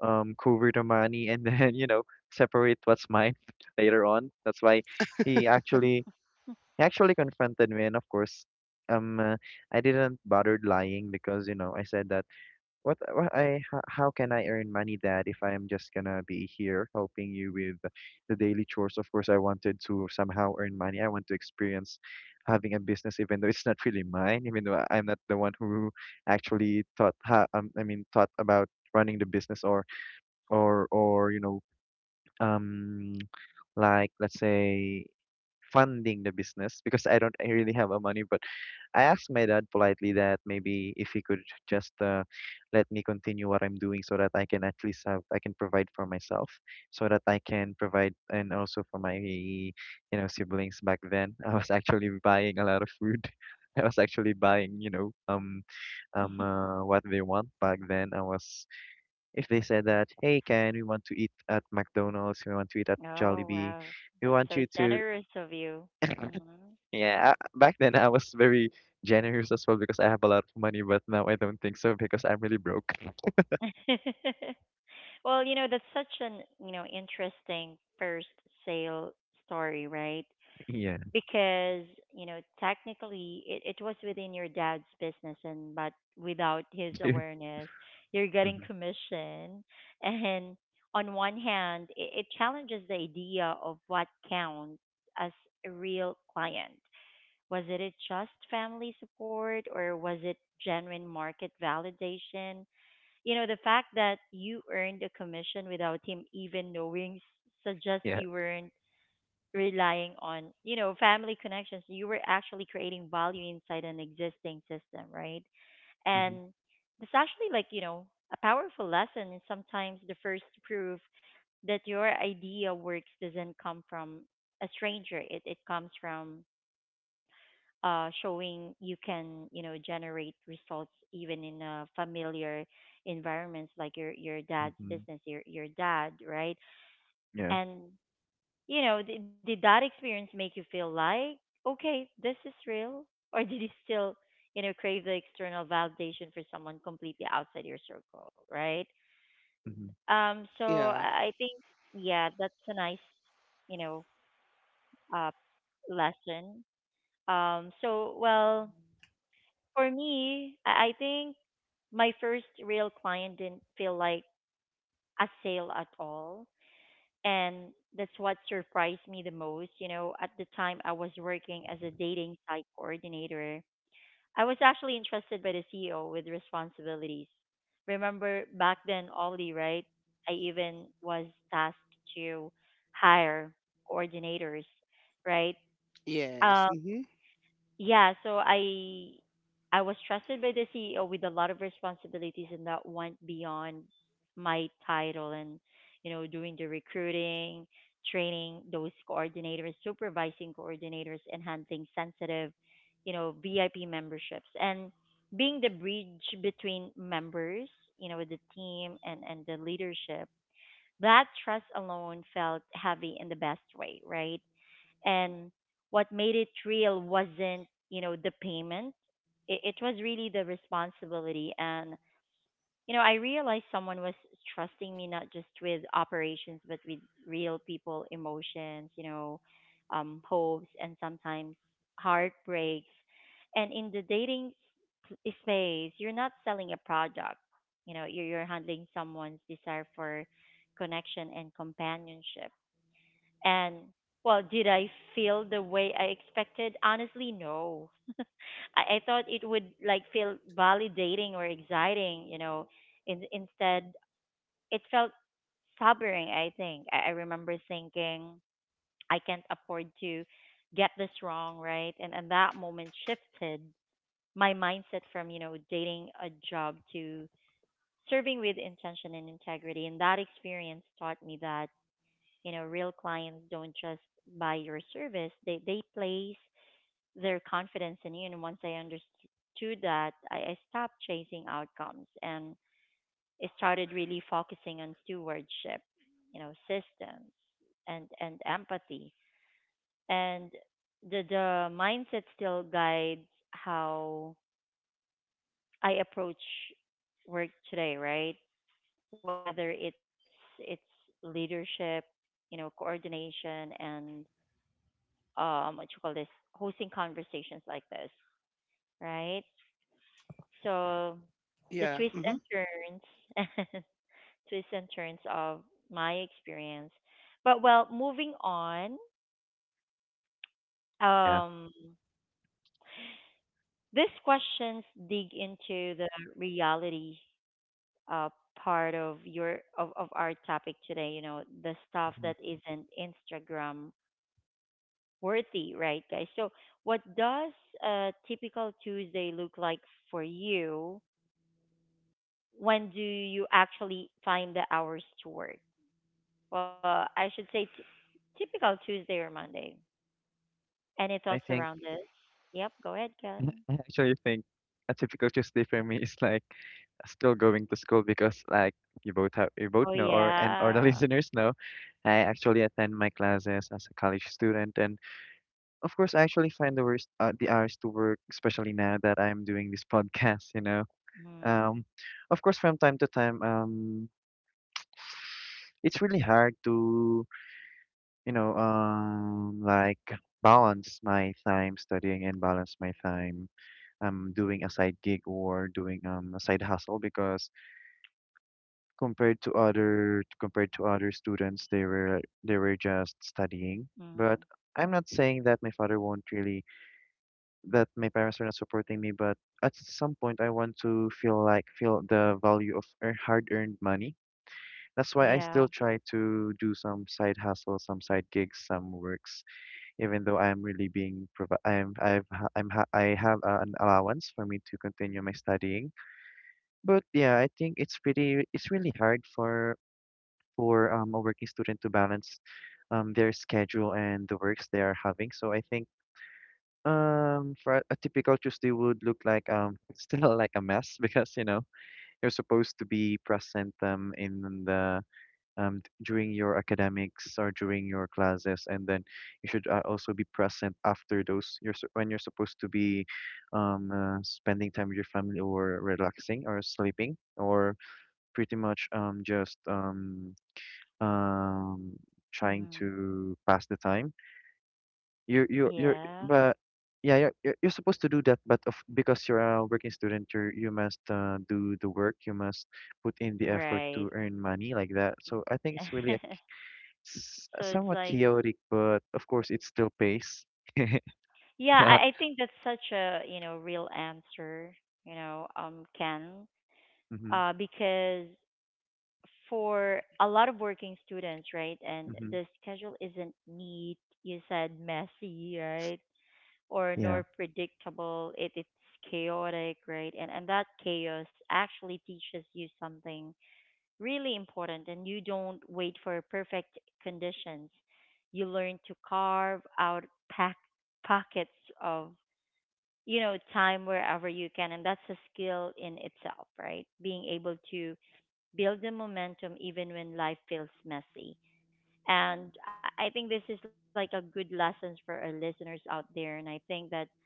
cover the money and [laughs] then, you know, separate what's mine, [laughs] later on. That's why he actually, mhm. he actually confronted me, and of course, um uh, I didn't bother lying because, you know, I said that, what how can I earn money, Dad, if I am just gonna be here helping you with the daily chores? Of course, I wanted to somehow earn money. I want to experience having a business, even though it's not really mine, even though I'm not the one who actually taught how, I mean, taught about running the business or you know, um, like let's say funding the business, because I don't really have a money, but I asked my dad politely that maybe if he could just let me continue what I'm doing so that I can at least have, I can provide for myself, so that I can provide and also for my, you know, siblings. Back then, [laughs] I was actually buying a lot of food. [laughs] I was actually buying, you know, [laughs] what they want back then. I was, if they said that, hey Ken, we want to eat at McDonald's, we want to eat at Oh Jollibee, wow, we that's want so you to, generous of you. Hmm. yeah, back then I was very generous as well because I have a lot of money, but now I don't think so because I'm really broke. [laughs] [laughs] Well, you know, that's such an, you know, interesting first sale story, right? Yeah. Because, you know, technically, it was within your dad's business and but without his [laughs] awareness you're getting Hmm. commission [laughs] and on one hand, it challenges the idea of what counts as a real client. Was it a just family support or was it genuine market validation? You know, the fact that you earned a commission without him even knowing suggests Yeah. you weren't relying on, you know, family connections. You were actually creating value inside an existing system, right? Hmm. And it's actually like, you know, a powerful lesson, and sometimes the first proof that your idea works doesn't come from a stranger. It comes from showing you can, you know, generate results even in a familiar environments like your dad's Hmm. business, your dad, right? Yeah. And you know, did that experience make you feel like, okay, this is real? Or did you still, you know, crave the external validation for someone completely outside your circle, right? Hmm. So Yeah. I think, yeah, that's a nice, you know, uh, lesson. So, well, for me, I think my first real client didn't feel like a sale at all. And that's what surprised me the most. You know, at the time I was working as a dating site coordinator, I was actually entrusted by the CEO with responsibilities. Remember back then, Ollie, right? I even was tasked to hire coordinators, right? Yes. Mm-hmm. Yeah, so I was trusted by the CEO with a lot of responsibilities, and that went beyond my title and you know doing the recruiting, training those coordinators, supervising coordinators, enhancing sensitive, you know, VIP memberships and being the bridge between members, you know, with the team and the leadership. That trust alone felt heavy in the best way, right? And what made it real wasn't, you know, the payment. It was really the responsibility, and you know I realized someone was trusting me not just with operations but with real people emotions, you know, hopes and sometimes heartbreaks, and in the dating space you're not selling a product, you know. You're handling someone's desire for connection and companionship. And well, did I feel the way I expected? Honestly, no. [laughs] I, I thought it would like feel validating or exciting, you know. Instead, it felt sobering. I think I remember thinking, I can't afford to get this wrong, right? And that moment shifted my mindset from you know dating a job to serving with intention and integrity. And that experience taught me that, you know, real clients don't just buy your service; they place their confidence in you. And once I understood that, I stopped chasing outcomes and I started really focusing on stewardship, you know, systems and empathy. And the mindset still guides how I approach work today, right? Whether it's leadership, you know, coordination and what you call this, hosting conversations like this, right? So the Yeah. twists and Mm-hmm. turns [laughs] twists and turns of my experience. But well moving on, Yeah. um these questions dig into the reality uh part of your of our topic today, you know, the stuff Hmm. that isn't Instagram worthy, right, guys? So what does a typical Tuesday look like for you? When do you actually find the hours to work? Well, I should say typical Tuesday or Monday. Any I thoughts think around this? Yep, go ahead, [laughs] I Ken. actually think a typical Tuesday for me is like still going to school because, like you both have, you both Oh know, or and or the [laughs] yeah. listeners know, I actually attend my classes as a college student, and of course I actually find the worst the hours to work, especially now that I'm doing this [laughs] podcast, you know. Mm, Um, of course, from time to time, it's really hard to, you know, like balance my time studying and balance my time doing a side gig or doing a side hustle, because compared to other students, they were just studying. mm, But I'm not saying that my father won't really that my parents are not supporting me, but at some point I want to feel like feel the value of hard-earned money. That's why I yeah. still try to do some side hustle, some side gigs, some works, even though I'm really being provi- I'm I've ha- I'm ha- I have an allowance for me to continue my studying. But yeah, I think it's pretty, it's really hard for a working student to balance their schedule and the works they are having. So I think for a typical Tuesday would look like [laughs] still like a mess, [laughs] because, you know, you're supposed to be present in the during your academics or during your classes, and then you should also be present after those. When you're supposed to be spending time with your family or relaxing or sleeping or pretty much just um, trying Mm, to pass the time. You're yeah. but. Yeah, you're supposed to do that, but because you're a working student, you must do the work. You must put in the effort Right. to earn money like that. So I think it's really [laughs] so it's somewhat like, chaotic, but of course it still pays. [laughs] yeah, Yeah. I think that's such a, you know, real answer, Ken, Mm-hmm. Because for a lot of working students, right? And Mm-hmm. the schedule isn't neat, you said messy, right? Or Yeah. nor predictable. It's chaotic, right? And that chaos actually teaches you something really important, and you don't wait for perfect conditions. You learn to carve out pack pockets of, you know, time wherever you can, and that's a skill in itself, right? Being able to build the momentum even when life feels messy. And I think this is like a good lessons for our listeners out there. And I think that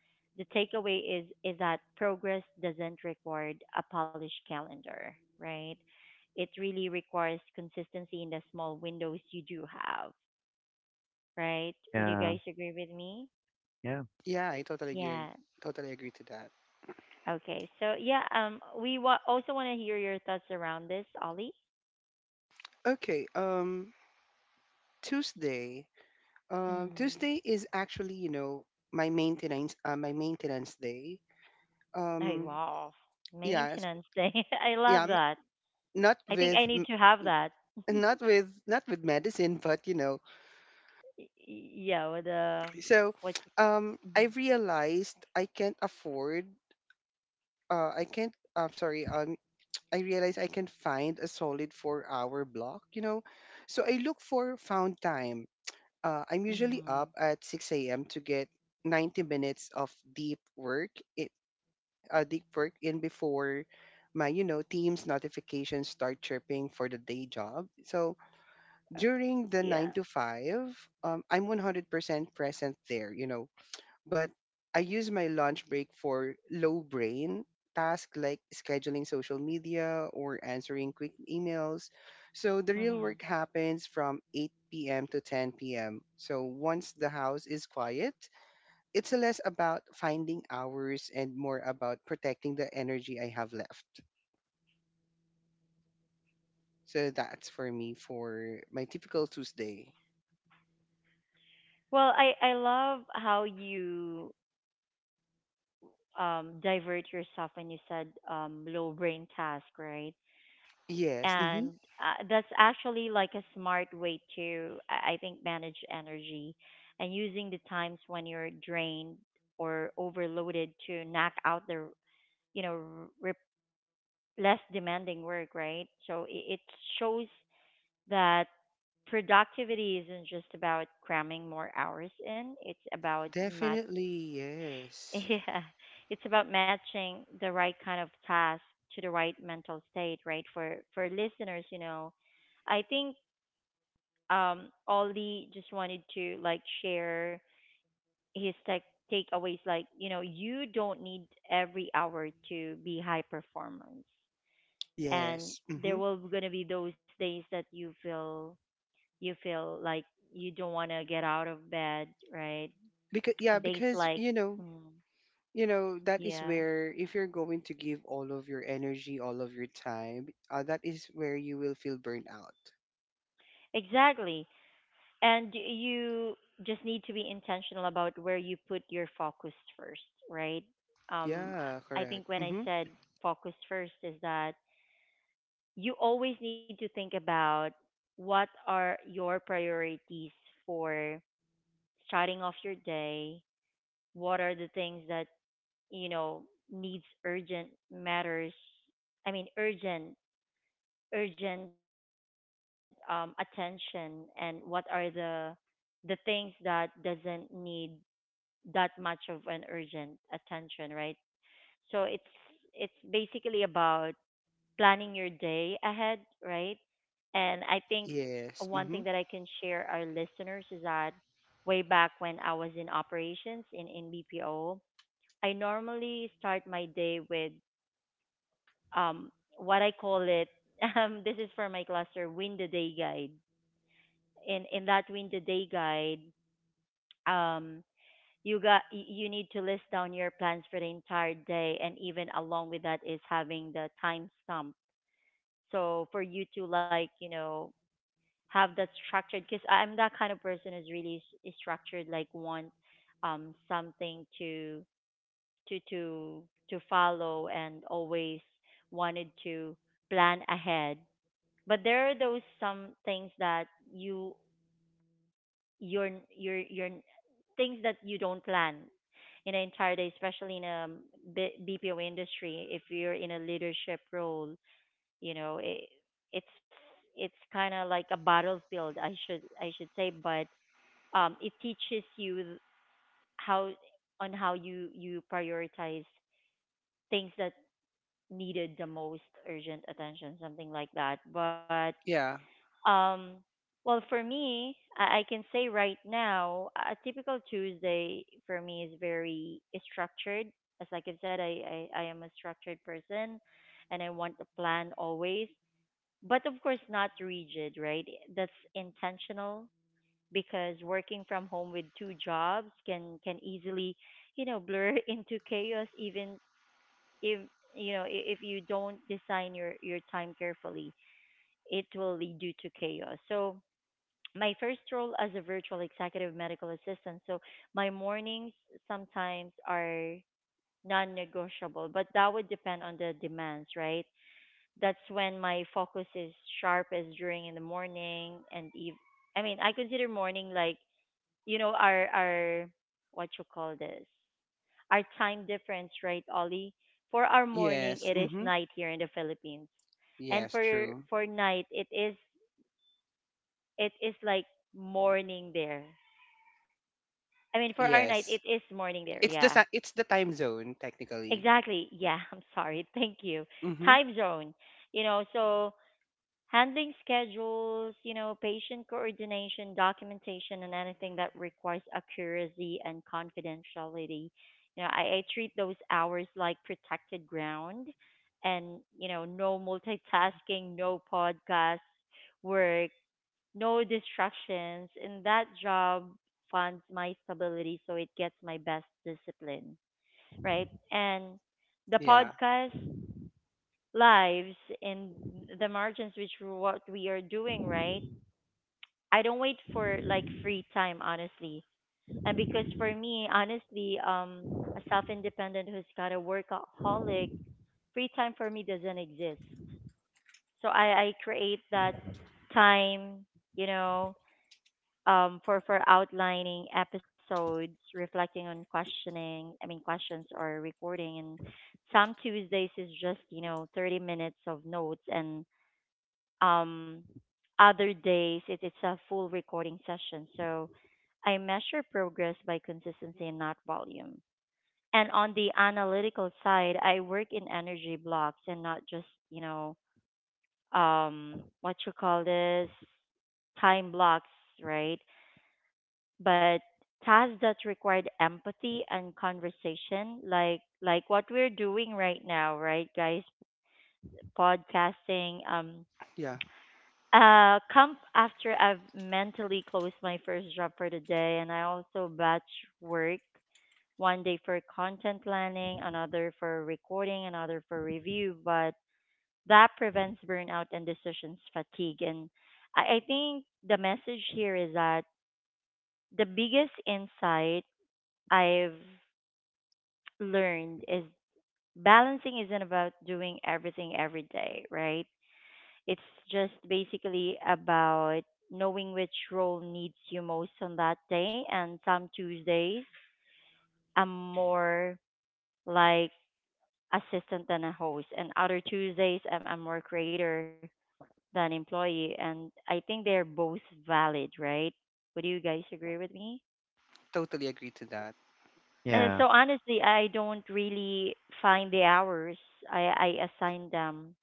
the takeaway is that progress doesn't require a polished calendar, right? It really requires consistency in the small windows you do have, right? Would you Yeah. guys agree with me? Yeah. Yeah, I totally agree. Yeah. Totally agree to that. Okay. So yeah, also want to hear your thoughts around this, Ollie. Okay. Tuesday. Mm. Tuesday is actually, you know, my maintenance day. Oh, Um, wow. yeah, sp- Maintenance day. [laughs] I yeah, love m- that. not I think with, I need m- to have that. [laughs] not with, not with medicine, but you know. Y- yeah, with the So, what you call. I Mm-hmm. realized I can't afford. I can't. I'm sorry. I realized I can find a solid 4-hour block. You know, so I look for found time. I'm usually up Mm-hmm. at 6 a.m. to get 90 minutes of deep work. i- deep work in before my, you know, team's notifications start chirping for the day job. So during the Yeah. 9 to 5, I'm 100% present there, you know, but I use my lunch break for low brain tasks like scheduling social media or answering quick emails. So the real Mm-hmm. work happens from 8 p.m. to 10 p.m., so once the house is quiet, it's less about finding hours and more about protecting the energy I have left. So that's for me, for my typical Tuesday. Well, I love how you divert yourself when you said low brain task, right? Yes, mm-hmm. And that's actually like a smart way to I think manage energy, and using the times when you're drained or overloaded to knock out the, you know, re- less demanding work, right? So it shows that productivity isn't just about cramming more hours in. It's about Definitely, [laughs] yes, yeah, it's about matching the right kind of task to the right mental state, right? For listeners, you know, I think Ollie just wanted to like share his tech takeaways like, you know, you don't need every hour to be high performance. And yes. there Mm-hmm. will going to be those days that you feel like you don't want to get out of bed, right? Because yeah, Days because like, mm, you know that is yeah, where if you're going to give all of your energy, all of your time, that is where you will feel burned out. exactly. And you just need to be intentional about where you put your focus first, right? um Yeah, I correct. think when I Mm-hmm. said focus first is that you always need to think about what are your priorities for starting off your day, what are the things that, you know, needs urgent matters. I mean, urgent attention, and what are the things that doesn't need that much of an urgent attention, right? So it's basically about planning your day ahead, right? And I think Yes. one thing Mm-hmm. that I can share our listeners is that way back when I was in operations in BPO, I normally start my day with um what I call it [laughs] this is for my cluster win the day guide. In that win the day guide, um you got you need to list down your plans for the entire day, and even along with that is having the timestamp. So for you to like, you know, have that structured, because I'm that kind of person who's really structured, like want something to to to follow, and always wanted to plan ahead. But there are those some things that you you're you're things that you don't plan in an entire day, especially in a bpo industry. If you're in a leadership role, you know, it's it's kind of like a battlefield, I should say. But it teaches you how, on how you, you prioritize things that needed the most urgent attention, something like that. But Yeah. Um, well, for me, I can say right now, a typical Tuesday for me is very structured. As like I've said, I am a structured person, and I want a plan always, but of course, not rigid, right? That's intentional, because working from home with two jobs can easily, you know, blur [laughs] into chaos, even if, you know, if you don't design your time carefully, it will lead you to chaos. So, my first role as a virtual executive medical assistant. So my mornings sometimes are non negotiable, but that would depend on the demands, right? That's when my focus is sharpest during in the morning and eve I mean, I consider morning like, you know, our what you call this? Our time difference, right, Ollie? For our morning Yes. it is Mm-hmm. night here in the Philippines. And Yes. True. for night it is like morning there. I mean, for our night, it Yes. is morning there. Yeah, It's the time zone, technically. exactly. Yeah, [laughs] I'm sorry. Thank you. Mhm. Time zone, you know. So handling schedules, you know, patient coordination, documentation, and anything that requires accuracy and confidentiality. You know, I treat those hours like protected ground, and, you know, no multitasking, no podcast work, no distractions, and that job funds my stability, so it gets my best discipline, right? And the Yeah. podcast lives and the margins, which what we are doing, right? I don't wait for like free time, honestly. And because for me, honestly, a self-independent who's got a workaholic, free time for me doesn't exist. So I create that time, you know, for outlining episodes, reflecting on questioning, I mean questions or recording, and some Tuesdays is just, you know, 30 minutes of notes, and um, other days it's a full recording session. So I measure progress by consistency and not volume. And on the analytical side, I work in energy blocks and not just, you know, what you call this, time blocks, right? But tasks that required empathy and conversation, like what we're doing right now, right guys? Podcasting, Yeah. Come after I've mentally closed my first job for the day. And I also batch work one day for content planning, another for recording, another for review, but that prevents burnout and decisions fatigue. And I think the message here is that the biggest insight I've learned is balancing isn't about doing everything every day, right? It's just basically about knowing which role needs you most on that day. And some Tuesdays, I'm more like assistant than a host, and other Tuesdays, I'm more creator than employee. And I think they're both valid, right? Would you guys agree with me? Totally agree to that. Yeah. So honestly, I don't really find the hours. I assign them,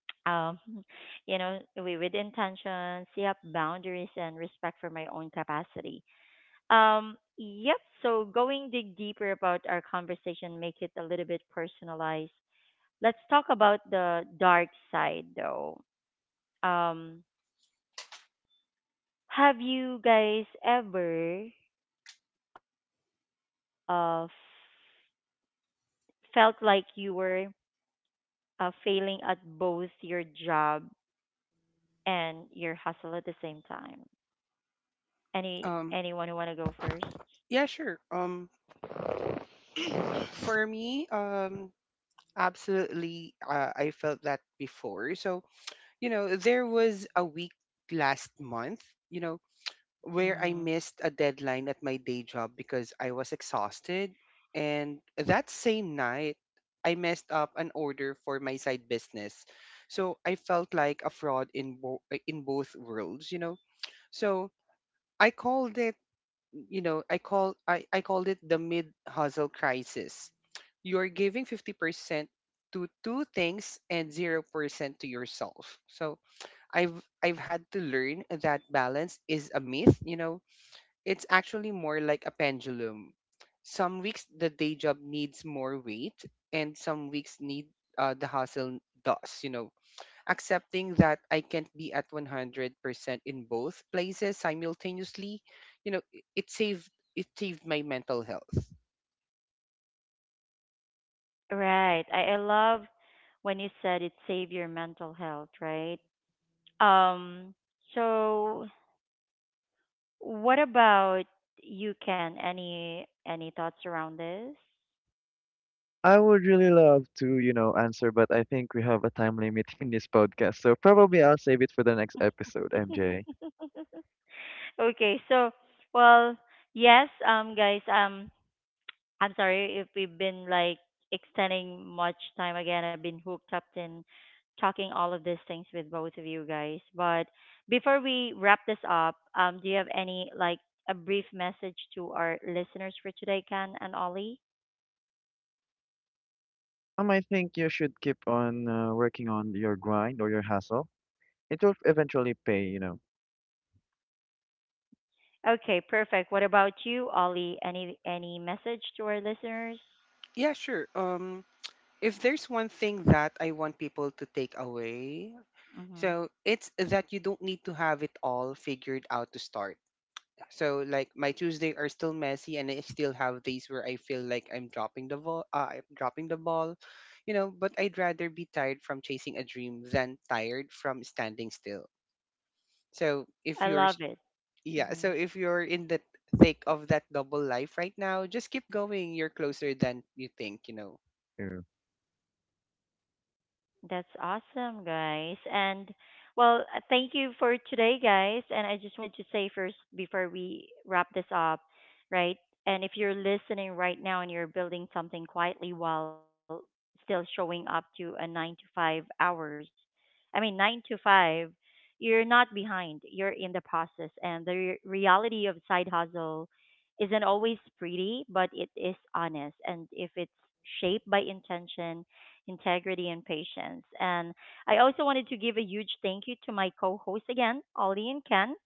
[tsk] um, [laughs] you know, with intention, set up boundaries, and respect for my own capacity. Yep. So going dig deeper about our conversation, make it a little bit personalized. Let's talk about the dark side, though. Um, have you guys ever uh f- felt like you were failing at both your job and your hustle at the same time. Um Anyone who want to go first? yeah, sure. For me, absolutely, I felt that before. So, you know, there was a week last month, you know, where I Mm. missed a deadline at my day job because I was exhausted, and that same night I messed up an order for my side business. So, I felt like a fraud in in both worlds, you know. So I called it, you know, I called it the mid hustle crisis. You're giving 50% to two things and 0% to yourself. So I've I've had to learn that balance is a myth, you know. It's actually more like a pendulum. Some weeks the day job needs more weight, and some weeks need, the hustle does, you know. Accepting that I can't be at 100% in both places simultaneously, you know, it saved my mental health. Right. I love when you said it save your mental health, right? Um. So, what about you, Ken? Any thoughts around this? I would really love to, you know, answer, but I think we have a time limit [laughs] in this podcast, so probably I'll save it for the next episode, MJ. [laughs] Okay. So, well, yes, guys, I'm sorry if we've been like extending much time again. I've been hooked up in talking all of these things with both of you guys. But before we wrap this up, do you have any like a brief message to our listeners for today, Ken and Ollie? I think you should keep on working on your grind or your hustle. It will eventually pay, you know. Okay, perfect. What about you, Ollie? Any message to our listeners? Yeah, sure. If there's one thing that I want people to take away, so Hmm, it's that you don't need to have it all figured out to start. So like, my Tuesday are still messy, and I still have days where I feel like I'm dropping the ball, you know, but I'd rather be tired from chasing a dream than tired from standing still. So if you're I s- love it. yeah, so Mm-hmm. if you're in the thick of that double life right now, just keep going. You're closer than you think, you know. Sure. That's awesome, guys. And well, thank you for today, guys. And I just wanted to say first before we wrap this up, right? And if you're listening right now and you're building something quietly while still showing up to a 9 to 5 hours, I mean, 9 to 5, you're not behind. You're in the process. And the reality of side hustle isn't always pretty, but it is honest. And if it's shaped by intention, integrity, and patience. And I also wanted to give a huge thank you to my co hosts again, Ollie and Ken.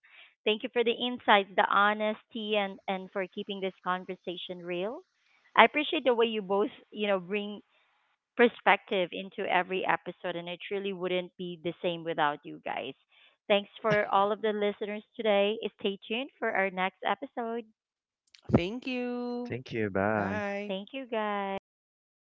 Thank you for the insights, the honesty, and for keeping this conversation real. I appreciate the way you both, you know, bring perspective into every episode, and it truly wouldn't be the same without you guys. Thanks for all of the listeners today. Stay tuned for our next episode. Thank you. Thank you. Bye. Bye. Thank you, guys.